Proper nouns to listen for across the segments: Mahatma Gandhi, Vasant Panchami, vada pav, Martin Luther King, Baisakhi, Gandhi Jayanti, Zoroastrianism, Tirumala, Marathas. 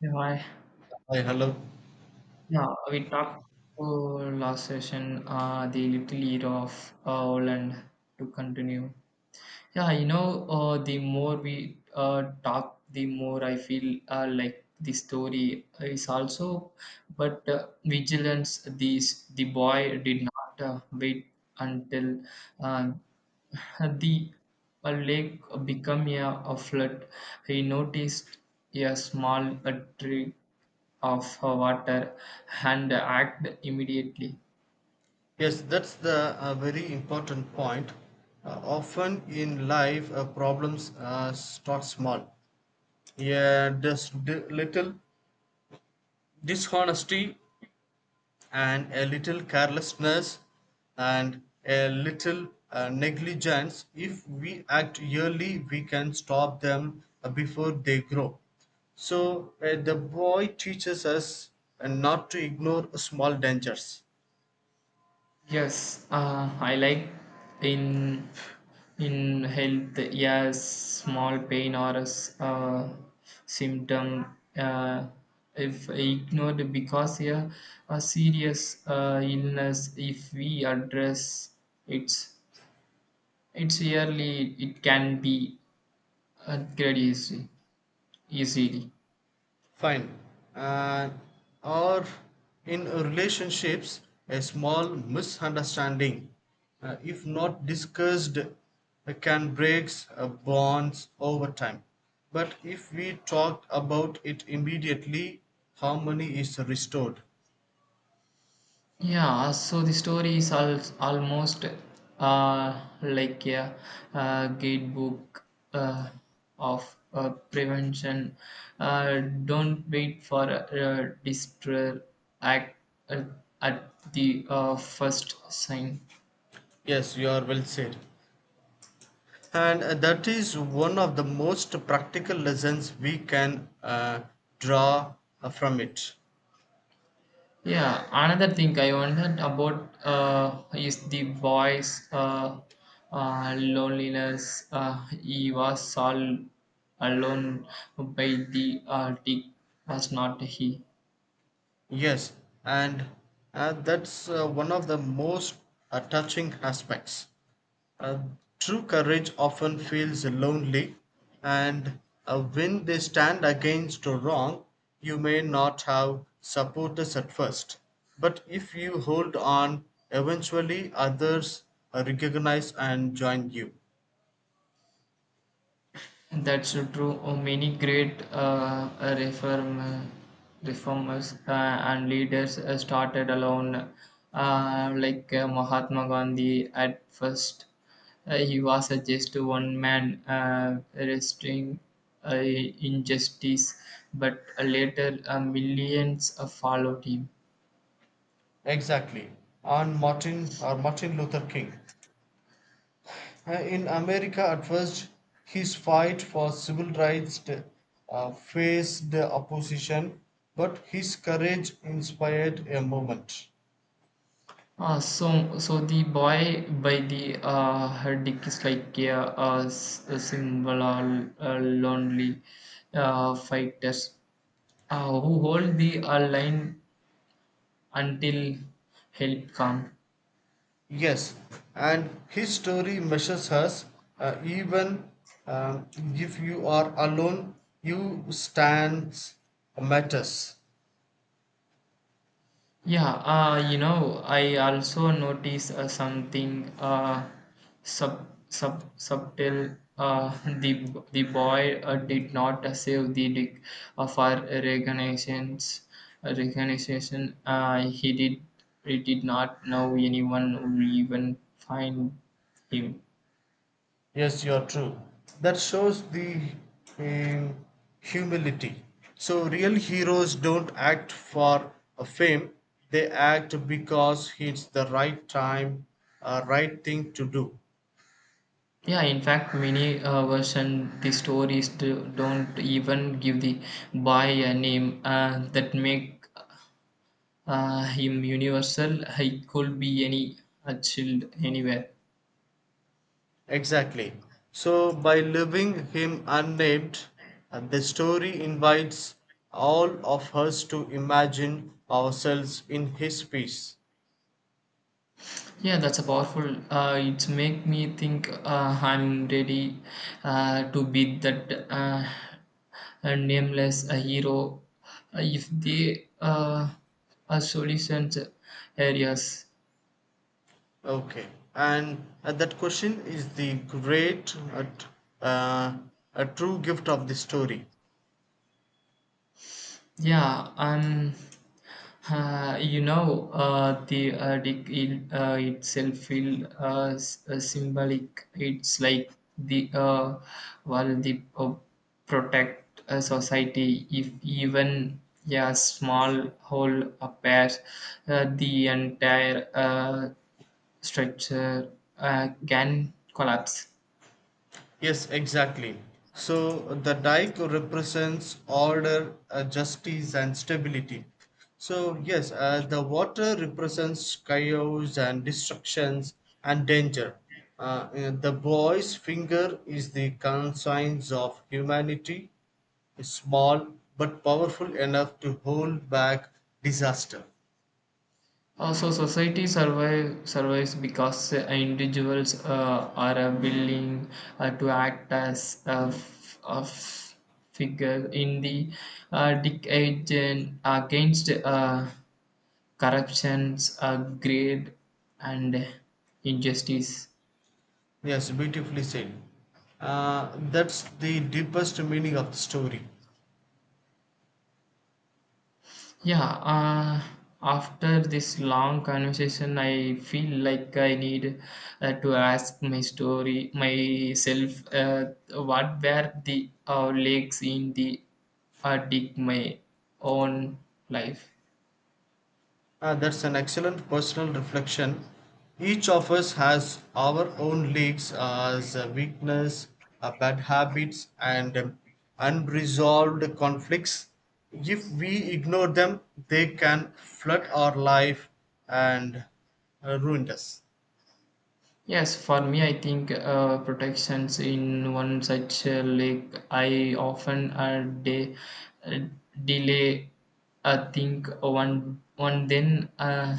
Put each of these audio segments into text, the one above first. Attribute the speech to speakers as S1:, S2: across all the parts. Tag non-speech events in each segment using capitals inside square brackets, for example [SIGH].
S1: Yeah, I-
S2: Hi, hello.
S1: yeah, we talked oh, last session, the little hero of Holland to continue. The more we talk, the more I feel like the story is also, but vigilance. These the boy did not wait until uh, the a lake became a flood. He noticed a small trickle of water and acted immediately.
S2: Yes, that's the very important point. Often in life, problems start small. Yeah, just little dishonesty and a little carelessness and a little negligence. If we act early, we can stop them before they grow. So the boy teaches us not to ignore small dangers.
S1: Yes, I like in in health. Yes, small pain or a symptom, uh, if ignored because yeah, a serious illness if we address it. It's yearly, it can be upgraded easily.
S2: Fine. Uh, or in relationships, a small misunderstanding, if not discussed, can break bonds over time. But if we talk about it immediately, harmony is restored.
S1: Yeah, so the story is almost like a guidebook, uh, of prevention. Don't wait for a distress act uh, at the first sign.
S2: Yes, you are well said. And that is one of the most practical lessons we can draw from it.
S1: Yeah, another thing I wondered about is the boy's loneliness. He was all alone by the dick, was not he?
S2: Yes, and that's one of the most touching aspects. Uh, True courage often feels lonely, and when they stand against a wrong, you may not have supporters at first. But if you hold on, eventually others recognize and join you.
S1: That's so true. Oh, many great reform, reformers and leaders started alone, like Mahatma Gandhi. At first, he was a just one man resisting injustice, but later millions followed him.
S2: Exactly. On Martin or Martin Luther King, in America at first, his fight for civil rights faced opposition, but his courage inspired a movement.
S1: So the boy by the her dick is like a symbol of lonely fighters who hold the line until help comes.
S2: Yes, and his story measures us. Even um, if you are alone, you stands matters.
S1: I also notice something subtle. [LAUGHS] The boy did not save the dick of our recognitions. Recognition. He did not know anyone who even find him.
S2: Yes, you are true. That shows the um, humility. So real heroes don't act for a fame, they act because it's the right time, right thing to do.
S1: Yeah, in fact, many version the stories don't even give the boy a name that make. I'm universal. I could be any a child anywhere.
S2: Exactly. So, by leaving him unnamed, the story invites all of us to imagine ourselves in his piece.
S1: Yeah, that's a powerful. It's make me think. I'm ready to be that a nameless hero. If they are solutions areas.
S2: Okay, and that question is the great, uh, a true gift of the story.
S1: Yeah, the addict itself feel symbolic. It's like the while the protect society. If even yeah, small hole appears, the entire structure can collapse.
S2: Yes, exactly. So the dike represents order, justice, and stability. So yes, the water represents chaos and destructions and danger. The boy's finger is the conscience of humanity, small but powerful enough to hold back disaster.
S1: Also, survives because individuals are willing to act as a figure in the decade and against corruptions, greed, and injustice.
S2: Yes, beautifully said. That's the deepest meaning of the story.
S1: Yeah, after this long conversation, I feel like I need to ask my story myself. What were the legs in the dig my own life?
S2: That's an excellent personal reflection. Each of us has our own leaks as a weakness, bad habits, and unresolved conflicts. If we ignore them, they can flood our life and ruin us.
S1: Yes, for me, I think protections in one such lake. I often uh, delay. I think one then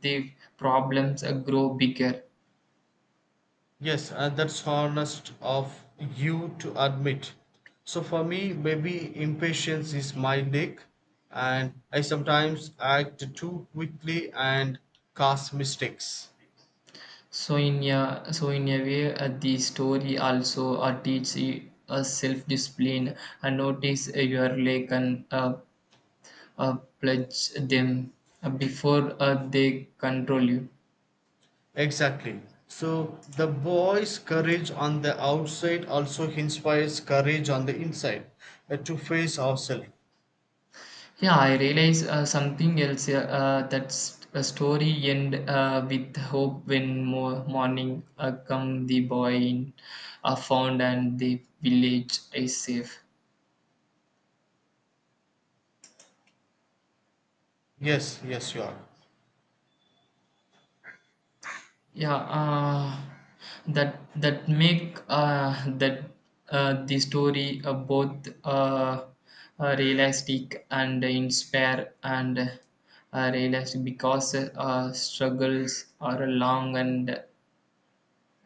S1: the problems grow bigger.
S2: Yes, and that's honest of you to admit. So for me, maybe impatience is my nick, and I sometimes act too quickly and cause mistakes.
S1: So in a way, the story also teaches you a self discipline. Notice your lake and pledge them before they control you.
S2: Exactly. So the boy's courage on the outside also inspires courage on the inside to face ourselves.
S1: Yeah, I realize something else. A story end with hope when more morning come the boy in are found and the village is safe.
S2: Yes, yes, you are.
S1: Yeah, that make that the story both realistic and inspire and realistic because struggles are long and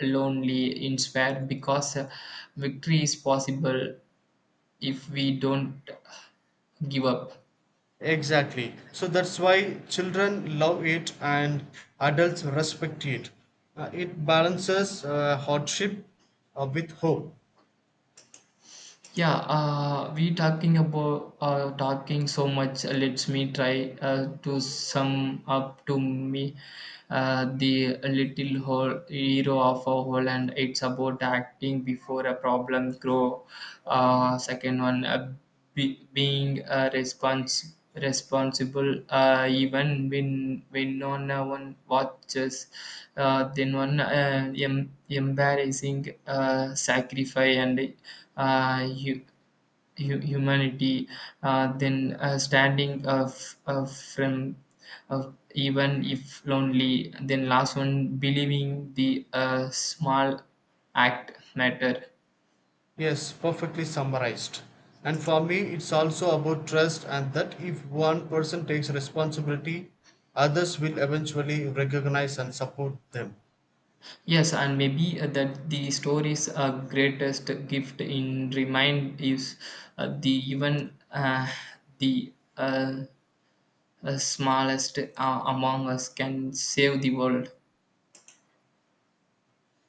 S1: lonely, inspired because victory is possible if we don't give up.
S2: Exactly. So that's why children love it and adults respect it. It balances hardship with hope.
S1: Yeah, we talking about talking so much. Let's me try to sum up to me, the little whole hero of a whole, and it's about acting before a problem grow. Second one, being responsible even when no one watches. Then one, embarrassing sacrifice and you humanity, then standing of from of even if lonely, then last one believing the small act matter.
S2: Yes, perfectly summarized. And for me, it's also about trust, and that if one person takes responsibility, others will eventually recognize and support them.
S1: Yes, and maybe that the story's greatest gift in remind is the even the smallest among us can save the world.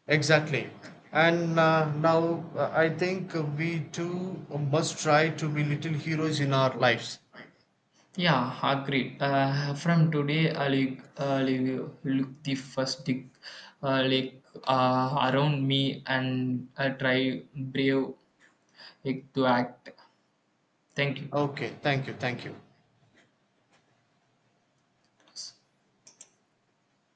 S2: Exactly. And now I think we too must try to be little heroes in our lives.
S1: Yeah, agreed. From today, I'll look the first dig, like around me and try brave to act. Thank you.
S2: Okay, thank you, thank you.